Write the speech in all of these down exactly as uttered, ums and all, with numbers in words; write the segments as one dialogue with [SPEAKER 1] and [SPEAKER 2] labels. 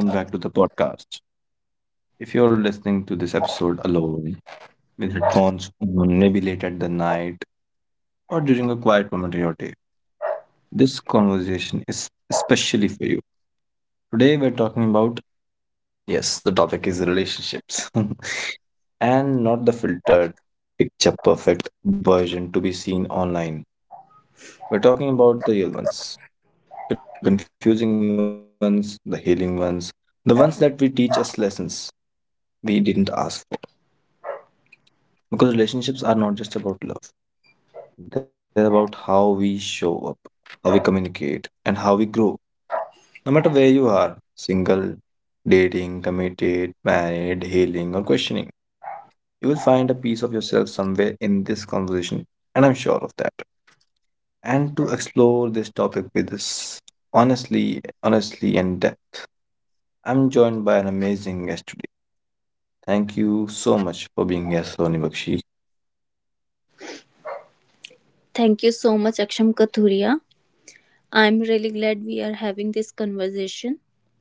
[SPEAKER 1] Hello, everyone, and welcome back to the podcast. If you're listening to this episode alone, with headphones on, maybe late at the night, or during a quiet moment in your day, this conversation is especially for you. Today, we're talking about, yes, the topic is relationships, and not the filtered, picture perfect version to be seen online. We're talking about the real ones, the confusing ones, the healing ones, the ones that we teach us lessons we didn't ask for. Because relationships are not just about love. They're about how we show up, how we communicate, and how we grow. No matter where you are, single, dating, committed, married, healing, or questioning, you will find a piece of yourself somewhere in this conversation, and I'm sure of that. And to explore this topic with us honestly, honestly, and depth, I'm joined by an amazing guest today. Thank you so much for being here, Sony Bakshi.
[SPEAKER 2] Thank you so much, Aksham Kathuria. I'm really glad we are having this conversation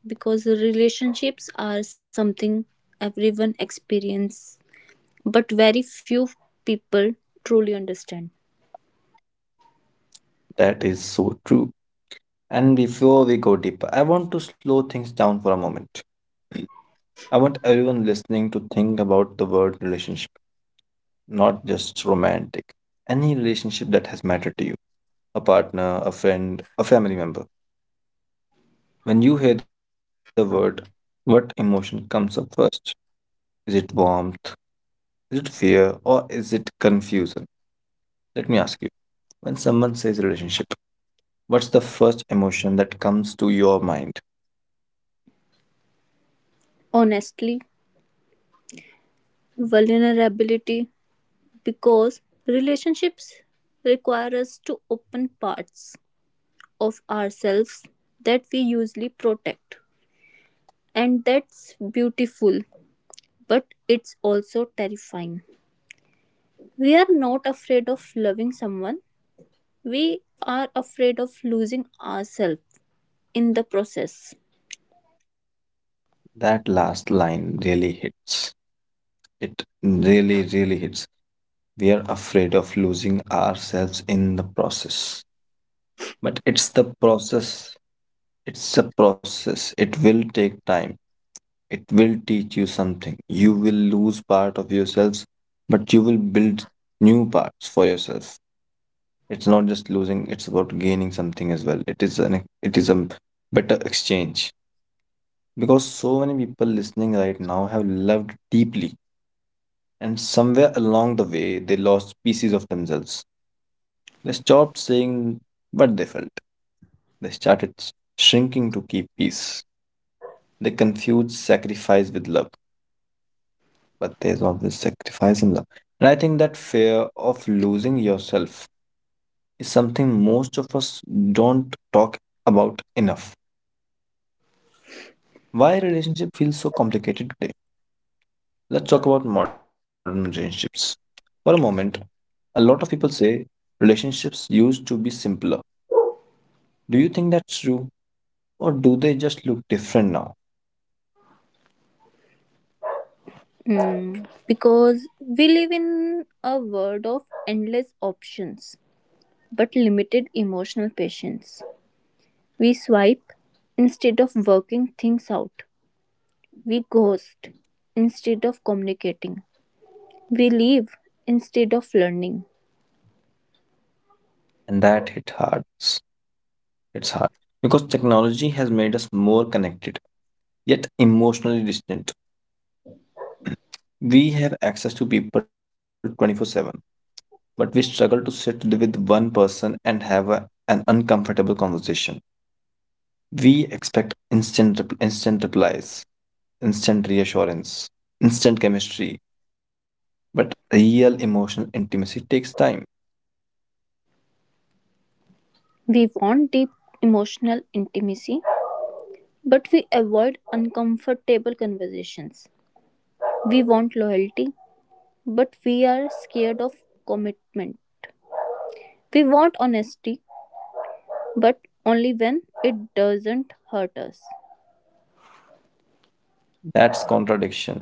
[SPEAKER 2] because relationships are something everyone experiences, but very few people truly understand.
[SPEAKER 1] That is so true. And before we go deeper, I want to slow things down for a moment. I want everyone listening to think about the word relationship, not just romantic. Any relationship that has mattered to you, a partner, a friend, a family member. When you hear the word, what emotion comes up first? Is it warmth? Is it fear? Or is it confusion? Let me ask you. When someone says relationship, what's the first emotion that comes to your mind?
[SPEAKER 2] Honestly, vulnerability, because relationships require us to open parts of ourselves that we usually protect, and that's beautiful, but it's also terrifying. We are not afraid of loving someone, we are afraid of losing ourselves in the process.
[SPEAKER 1] That last line really hits. It really, really hits. We are afraid of losing ourselves in the process. But it's the process, it's a process. It will take time, it will teach you something. You will lose part of yourselves, but you will build new parts for yourself. It's not just losing, it's about gaining something as well. It is an it is a better exchange. Because so many people listening right now have loved deeply and somewhere along the way they lost pieces of themselves. They stopped saying what they felt. They started s- shrinking to keep peace. They confused sacrifice with love, but there's always sacrifice in love. And I think that fear of losing yourself is something most of us don't talk about enough. Why relationship feels so complicated today? Let's talk about modern relationships. For a moment, a lot of people say relationships used to be simpler. Do you think that's true? Or do they just look different now?
[SPEAKER 2] Mm, because we live in a world of endless options but limited emotional patience. We swipe instead of working things out, we ghost instead of communicating, we leave instead of learning.
[SPEAKER 1] And that hit hard. It's hard because technology has made us more connected, yet emotionally distant. We have access to people twenty-four seven, but we struggle to sit with one person and have a- an uncomfortable conversation. We expect instant rep- instant replies, instant reassurance, instant chemistry, but real emotional intimacy takes time.
[SPEAKER 2] We want deep emotional intimacy, but we avoid uncomfortable conversations. We want loyalty, but we are scared of commitment. We want honesty, but only when it doesn't hurt us.
[SPEAKER 1] That's contradiction.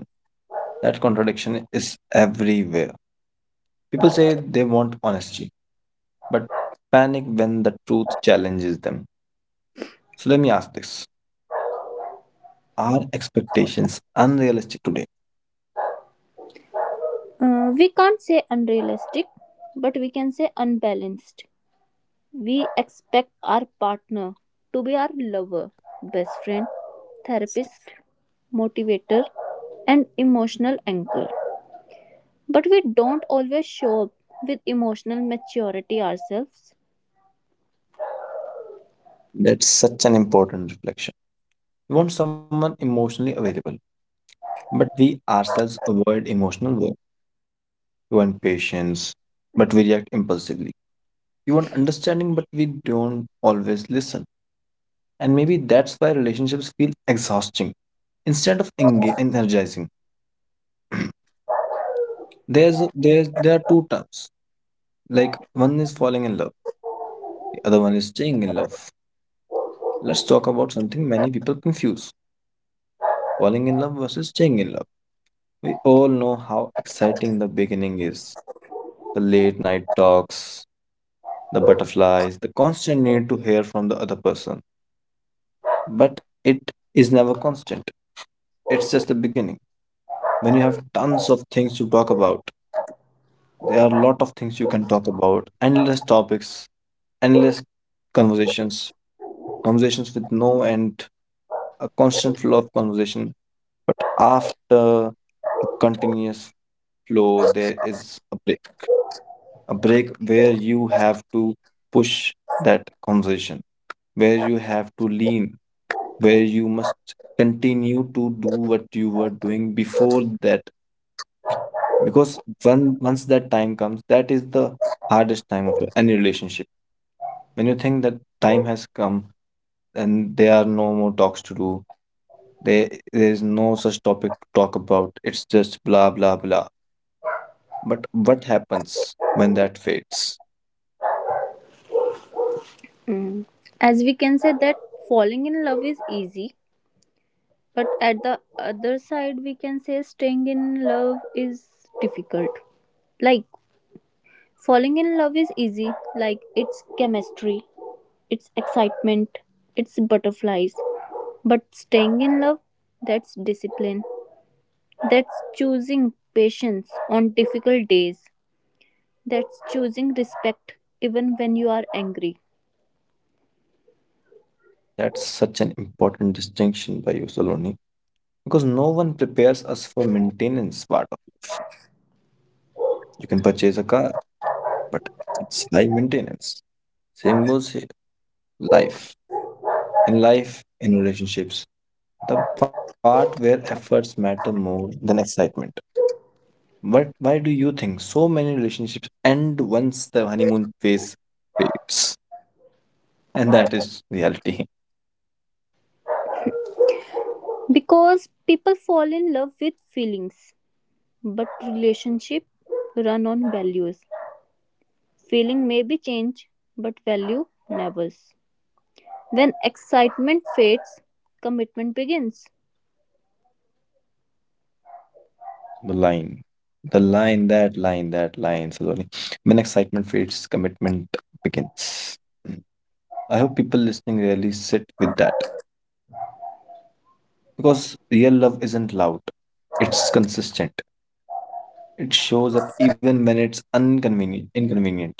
[SPEAKER 1] That contradiction is everywhere. People say they want honesty, but panic when the truth challenges them. So let me ask this. Are expectations unrealistic today?
[SPEAKER 2] Uh, we can't say unrealistic, but we can say unbalanced. We expect our partner to be our lover, best friend, therapist, motivator, and emotional anchor. But we don't always show up with emotional maturity ourselves.
[SPEAKER 1] That's such an important reflection. We want someone emotionally available, but we ourselves avoid emotional work. We want patience, but we react impulsively. We want understanding, but we don't always listen. And maybe that's why relationships feel exhausting. Instead of enga- energizing. there's there's there are two terms. Like, one is falling in love, the other one is staying in love. Let's talk about something many people confuse. Falling in love versus staying in love. We all know how exciting the beginning is. The late night talks, the butterflies, the constant need to hear from the other person. But it is never constant. It's just the beginning. When you have tons of things to talk about, there are a lot of things you can talk about, endless topics, endless conversations, conversations with no end, a constant flow of conversation. But after a continuous flow, there is a break, a break where you have to push that conversation, where you have to lean, where you must continue to do what you were doing before that. Because when once that time comes, that is the hardest time of any relationship. When you think that time has come and there are no more talks to do, there there is no such topic to talk about. It's just blah blah blah. But what happens when that fades?
[SPEAKER 2] Mm. As we can say that falling in love is easy, but at the other side, we can say staying in love is difficult. Like, falling in love is easy, like, it's chemistry, it's excitement, it's butterflies. But staying in love, that's discipline, that's choosing patience on difficult days, that's choosing respect even when you are angry.
[SPEAKER 1] That's such an important distinction by you, Saloni. Because no one prepares us for maintenance part of it. You can purchase a car, but it's high maintenance. Same goes here, life, in life in relationships, the part where efforts matter more than excitement. But why do you think so many relationships end once the honeymoon phase fades? And that is reality.
[SPEAKER 2] Because people fall in love with feelings. But relationships run on values. Feeling may be changed, but value never. When excitement fades, commitment begins.
[SPEAKER 1] the line the line that line that line slowly, when excitement fades, commitment begins. I hope people listening really sit with that, because real love isn't loud, it's consistent. It shows up even when it's inconvenient. inconvenient.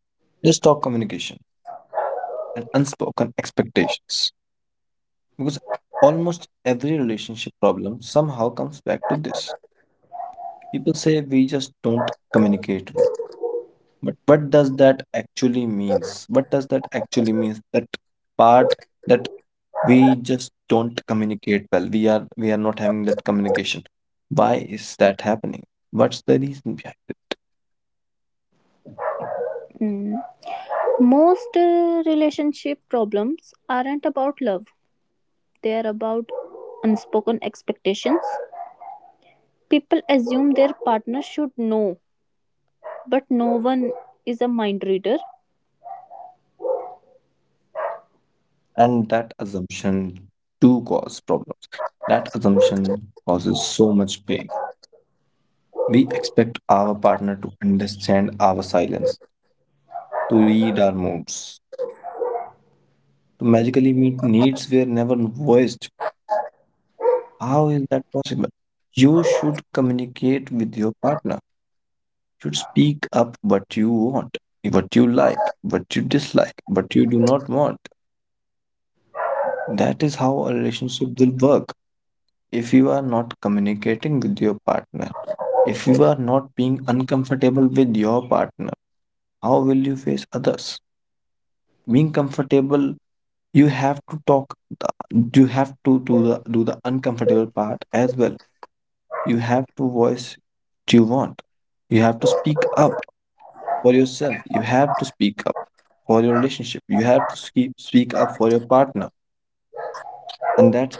[SPEAKER 1] Let's talk communication and unspoken expectations, because almost every relationship problem somehow comes back to this. People say we just don't communicate well. But what does that actually means? What does that actually means? That part, that we just don't communicate well, we are we are not having that communication. Why is that happening? What's the reason behind it?
[SPEAKER 2] Mm. Most uh, relationship problems aren't about love, they are about unspoken expectations. People assume their partner should know, but no one is a mind reader.
[SPEAKER 1] And that assumption do cause problems. That assumption causes so much pain. We expect our partner to understand our silence, to read our moods, to magically meet needs were never voiced. How is that possible? You should communicate with your partner, should speak up what you want, what you like, what you dislike, what you do not want. That is how a relationship will work. If you are not communicating with your partner, if you are not being uncomfortable with your partner, how will you face others? Being comfortable, you have to talk, the, you have to do the, do the uncomfortable part as well. You have to voice what you want. You have to speak up for yourself. You have to speak for your relationship. You have to keep speak up for your partner,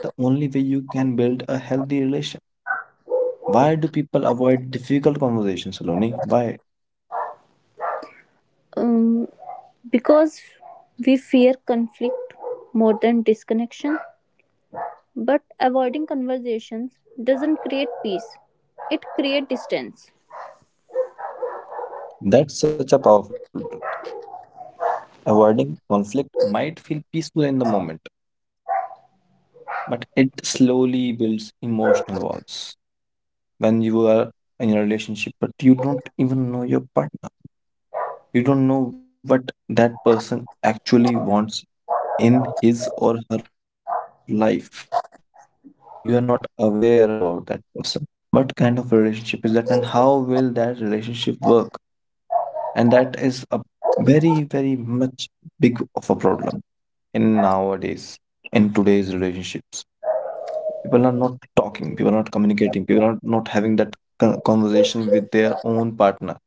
[SPEAKER 1] and that's the only way you can build a healthy relation. Why do people avoid difficult conversations, Saloni? Why?
[SPEAKER 2] Um, because we fear conflict more than disconnection. But avoiding conversations doesn't create peace, it creates distance.
[SPEAKER 1] That's such a powerful truth. Avoiding conflict might feel peaceful in the moment, but it slowly builds emotional walls when you are in a relationship, but you don't even know your partner. You don't know what that person actually wants in his or her life. You are not aware about that person. What kind of relationship is that, and how will that relationship work? And that is a very, very much big of a problem, in nowadays, in today's relationships. People are not talking, people are not communicating, people are not having that con- conversation with their own partner.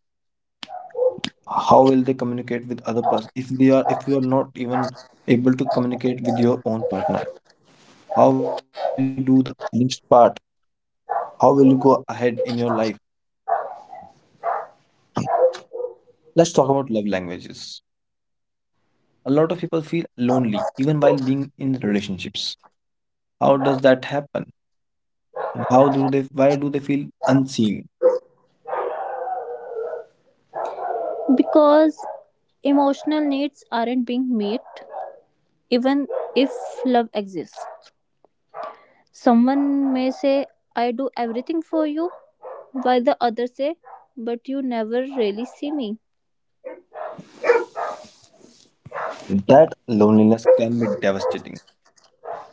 [SPEAKER 1] How will they communicate with other person if they are, if you are not even able to communicate with your own partner? How will you do the next part? How will you go ahead in your life? Let's talk about love languages. A lot of people feel lonely even while being in relationships. How does that happen? And how do they, why do they feel unseen?
[SPEAKER 2] Because emotional needs aren't being met, even if love exists. Someone may say, "I do everything for you," while the other say, "But you never really see me."
[SPEAKER 1] That loneliness can be devastating,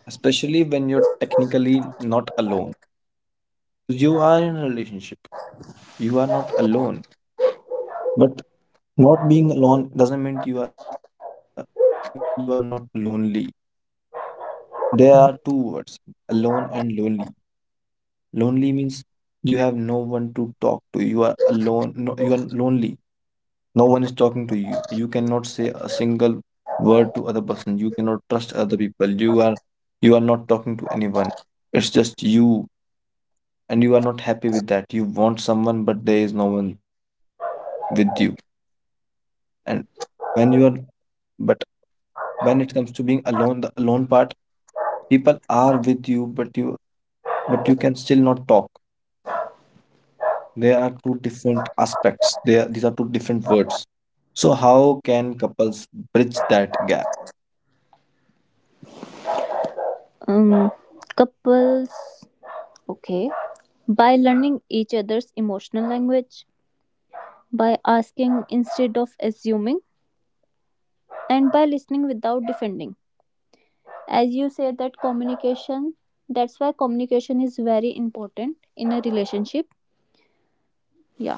[SPEAKER 1] especially when you're technically not alone. You are in a relationship. You are not alone. But not being alone doesn't mean you are doesn't mean you are not lonely. There are two words, alone and lonely. Lonely means you have no one to talk to. You are alone. No, you are lonely. No one is talking to you. You cannot say a single word to other person. You cannot trust other people. You are, you are not talking to anyone. It's just you, and you are not happy with that. You want someone, but there is no one with you. And when you are, but when it comes to being alone, the alone part, people are with you, but you but you can still not talk. There are two different aspects. There, these are two different words. So how can couples bridge that gap?
[SPEAKER 2] Um, Couples, okay, by learning each other's emotional language, by asking instead of assuming, and by listening without defending. As you said, that communication, that's why communication is very important in a relationship. Yeah,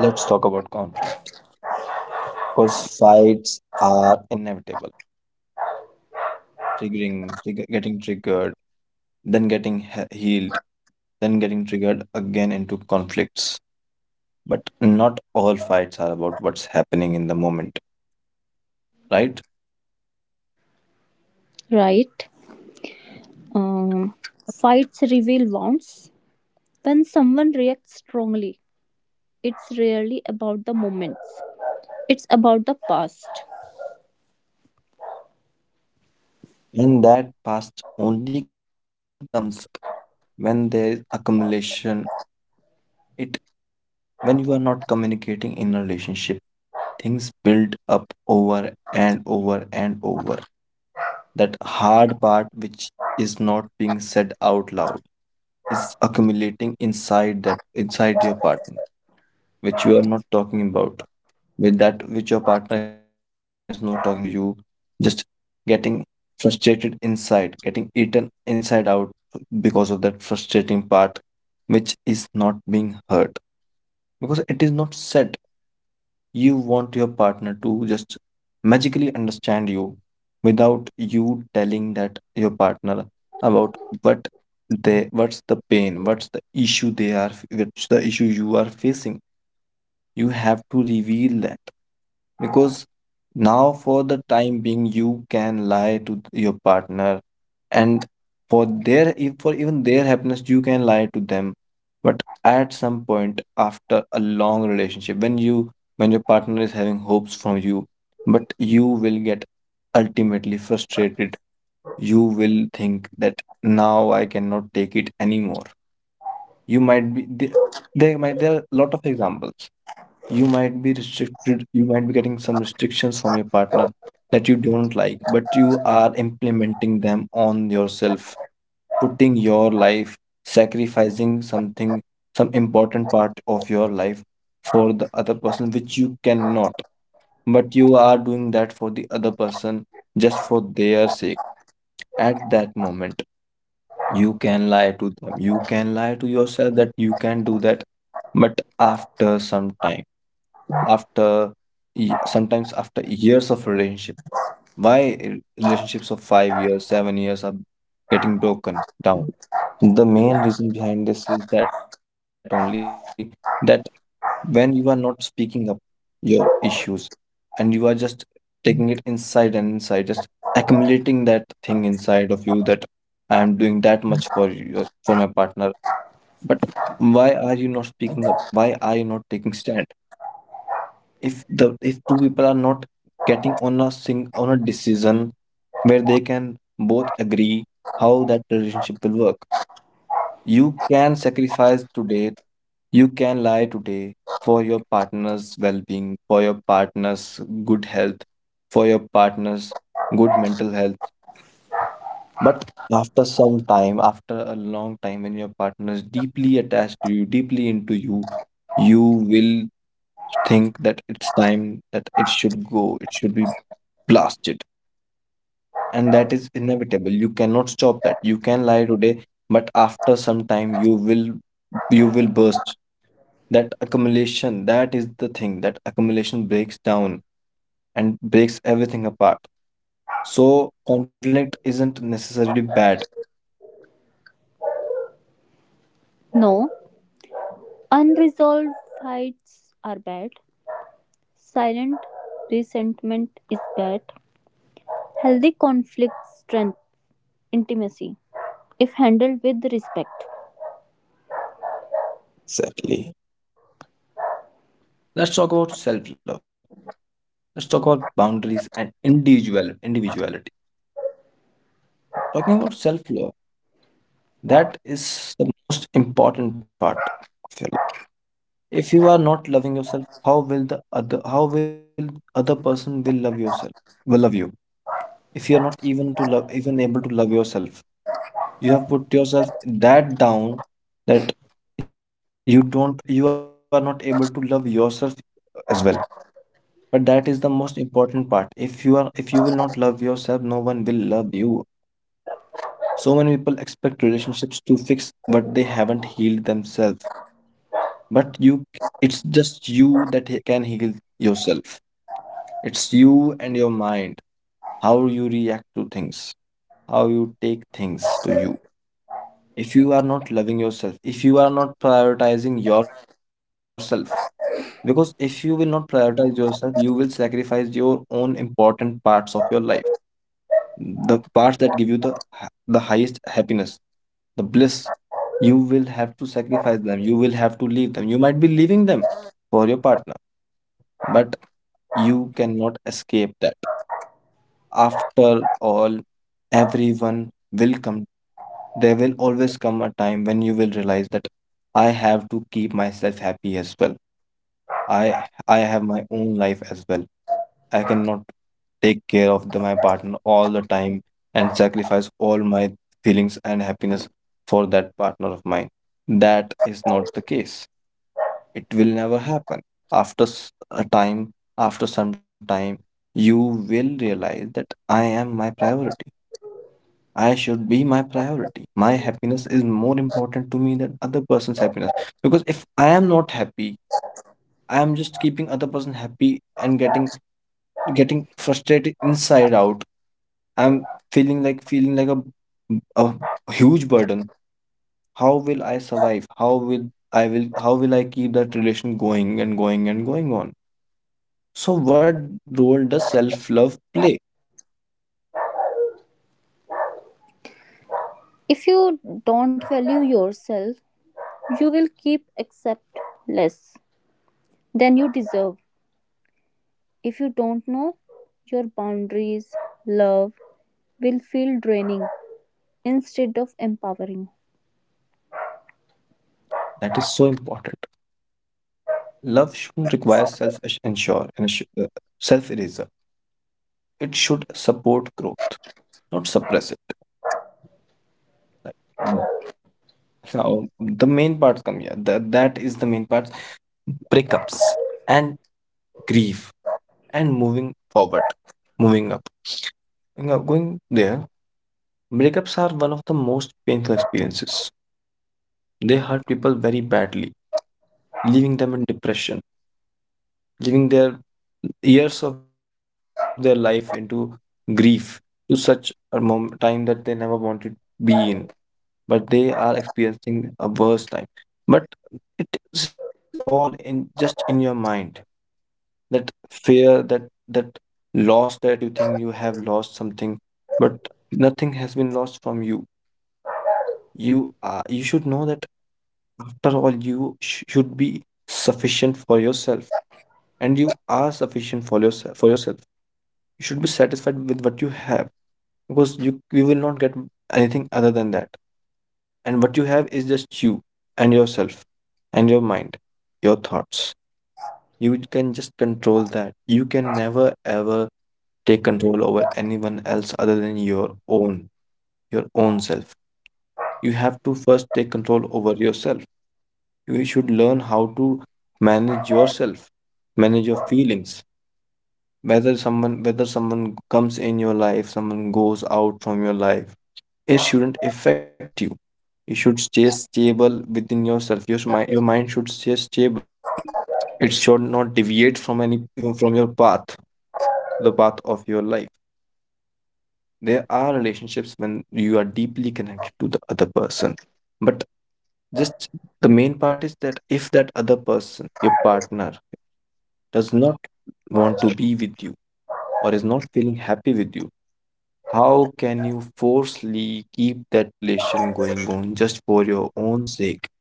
[SPEAKER 1] Let's talk about conflict, because fights are inevitable. Triggering, trigger, getting triggered, then getting he- healed, then getting triggered again into conflicts. But not all fights are about what's happening in the moment, right?
[SPEAKER 2] right. um, Fights reveal wounds. When someone reacts strongly, it's rarely about the moments, it's about the past.
[SPEAKER 1] And that past only comes up when there is accumulation. It, when you are not communicating in a relationship, things build up over and over and over. That hard part, which is not being said out loud, is accumulating inside that inside your partner, which you are not talking about, with that which your partner is not talking to you, just getting frustrated inside, getting eaten inside out because of that frustrating part, which is not being heard because it is not said. You want your partner to just magically understand you without you telling that your partner about what they what's the pain, what's the issue they are, what's the issue you are facing. You have to reveal that, because now for the time being you can lie to your partner, and for their e- for even their happiness you can lie to them. But at some point, after a long relationship, when you when your partner is having hopes from you, but you will get ultimately frustrated, you will think that now I cannot take it anymore. You might be there. There might there are a lot of examples. You might be restricted, you might be getting some restrictions from your partner that you don't like, but you are implementing them on yourself, putting your life, sacrificing something, some important part of your life for the other person, which you cannot. But you are doing that for the other person just for their sake at that moment. You can lie to them, you can lie to yourself that you can do that, but after some time, after ye- sometimes after years of relationship, why relationships of five years, seven years are getting broken down? The main reason behind this is that only that when you are not speaking up your issues, and you are just taking it inside and inside, just accumulating that thing inside of you, that I am doing that much for you, for my partner. But why are you not speaking up? Why are you not taking stand? If the if two people are not getting on a sing on a decision where they can both agree how that relationship will work, you can sacrifice today, you can lie today for your partner's well being, for your partner's good health, for your partner's good mental health. But after some time, after a long time, when your partner is deeply attached to you, deeply into you, you will think that it's time that it should go, it should be blasted. And that is inevitable, you cannot stop that. You can lie today, but after some time you will you will burst. That accumulation, that is the thing, that accumulation breaks down and breaks everything apart. So conflict isn't necessarily bad.
[SPEAKER 2] No, unresolved fights are bad, silent resentment is bad. Healthy conflict, strength, intimacy, if handled with respect.
[SPEAKER 1] Exactly. Let's talk about self love. Let's talk about boundaries and individual individuality. Talking about self love, that is the most important part of your life. If you are not loving yourself, how will the other how will other person will love yourself, will love you. If you are not even to love even able to love yourself, you have put yourself that down, that you don't, you are not able to love yourself as well. But that is the most important part. If you are if you will not love yourself, no one will love you. So many people expect relationships to fix, but they haven't healed themselves. But you, it's just you that he- can heal yourself. It's you and your mind, how you react to things, how you take things to you. If you are not loving yourself, if you are not prioritizing yourself, because if you will not prioritize yourself, you will sacrifice your own important parts of your life, the parts that give you the ha- the highest happiness, the bliss. You will have to sacrifice them. You will have to leave them. You might be leaving them for your partner, but you cannot escape that. After all, everyone will come. There will always come a time when you will realize that I have to keep myself happy as well. I I have my own life as well. I cannot take care of the, my partner all the time and sacrifice all my feelings and happiness for that partner of mine. That is not the case, it will never happen. After s- a time, after some time, you will realize that I am my priority, I should be my priority. My happiness is more important to me than other person's happiness, because if I am not happy, I am just keeping other person happy and getting getting frustrated inside out. I'm feeling like feeling like a, a huge burden. How will I survive, how will i will how will I keep that relation going and going and going on? So, what role does self love play?
[SPEAKER 2] If you don't value yourself, you will keep accept less than you deserve. If you don't know your boundaries, love will feel draining instead of empowering.
[SPEAKER 1] That is so important. Love shouldn't require self ensure and uh, self eraser. It should support growth, not suppress it. Like, mm, how the main parts come here. That, that is the main parts, breakups and grief and moving forward, moving up. You know, going there, breakups are one of the most painful experiences. They hurt people very badly, leaving them in depression, giving their years of their life into grief, to such a mom- time that they never wanted to be in, but they are experiencing a worse time. But it is all in just in your mind, that fear, that that loss, that you think you have lost something. But nothing has been lost from you. You are you should know that. After all, you sh- should be sufficient for yourself. And you are sufficient for yourself for yourself You should be satisfied with what you have, because you you will not get anything other than that. And what you have is just you and yourself and your mind, your thoughts. You can just control that, you can never ever take control over anyone else other than your own your own self. You have to first take control over yourself. You should learn how to manage yourself, manage your feelings. Whether someone whether someone comes in your life, someone goes out from your life, it shouldn't affect you. You should stay stable within yourself. Your, mi- your mind should stay stable. It should not deviate from any from your path, the path of your life. There are relationships when you are deeply connected to the other person, but just the main part is that if that other person, your partner, does not want to be with you or is not feeling happy with you, how can you forcefully keep that relation going on just for your own sake,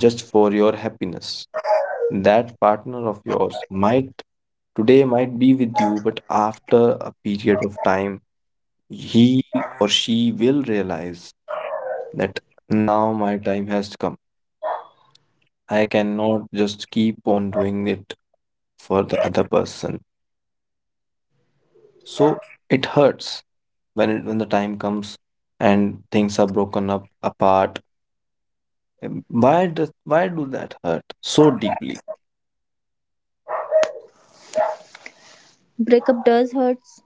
[SPEAKER 1] just for your happiness? That partner of yours might today might be with you, but after a period of time, he or she will realize that now my time has come. I cannot just keep on doing it for the other person. So it hurts when it, when the time comes and things are broken up apart. Um, Why does why do that hurt so deeply?
[SPEAKER 2] Breakup does hurts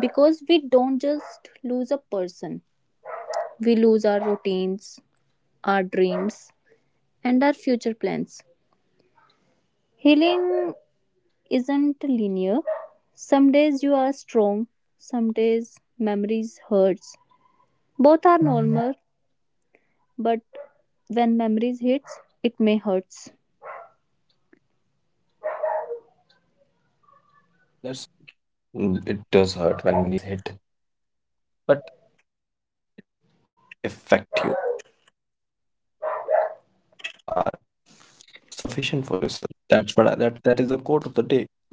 [SPEAKER 2] because we don't just lose a person. We lose our routines, our dreams, and our future plans. Healing isn't linear. Some days you are strong, some days memories hurts. Both are normal, but when memories hits it may hurts.
[SPEAKER 1] That's Mm, it does hurt when memories hit. But it should not affect you. After all, you are sufficient for yourself. That's what I, that that is the quote of the day. Whatever happens,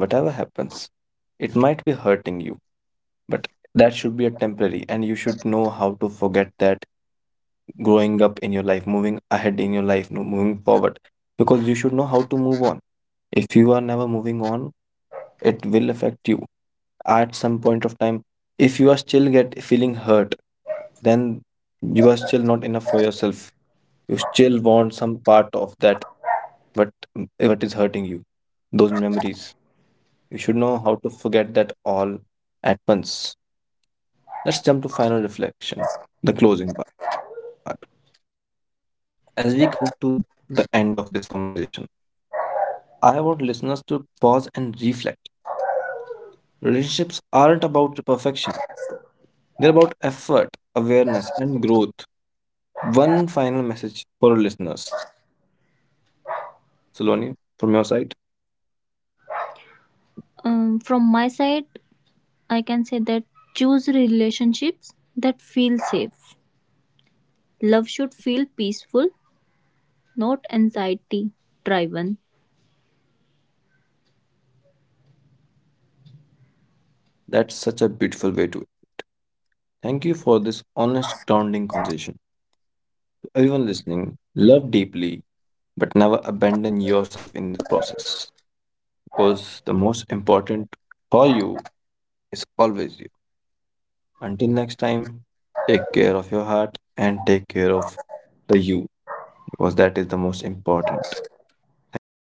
[SPEAKER 1] it might be hurting you, but that should be a temporary, and you should know how to forget that, growing up in your life, moving ahead in your life, no, moving forward, because you should know how to move on. If you are never moving on, it will affect you at some point of time. If you are still get feeling hurt, then you are still not enough for yourself. You still want some part of that, but what is hurting you, those memories, you should know how to forget that all at once. Let's jump to final reflection, the closing part. As we come to the end of this conversation, I want listeners to pause and reflect. Relationships aren't about perfection, they're about effort, awareness and growth. One final message for our listeners, Saloni, from your side.
[SPEAKER 2] Um, from my side, I can say that choose relationships that feel safe. Love should feel peaceful, not anxiety driven.
[SPEAKER 1] That's such a beautiful way to. Thank you for this honest grounding conversation. Everyone listening, love deeply, but never abandon yourself in the process, because the most important for you is always you. Until next time, take care of your heart and take care of the you, because that is the most important. Thank you very much.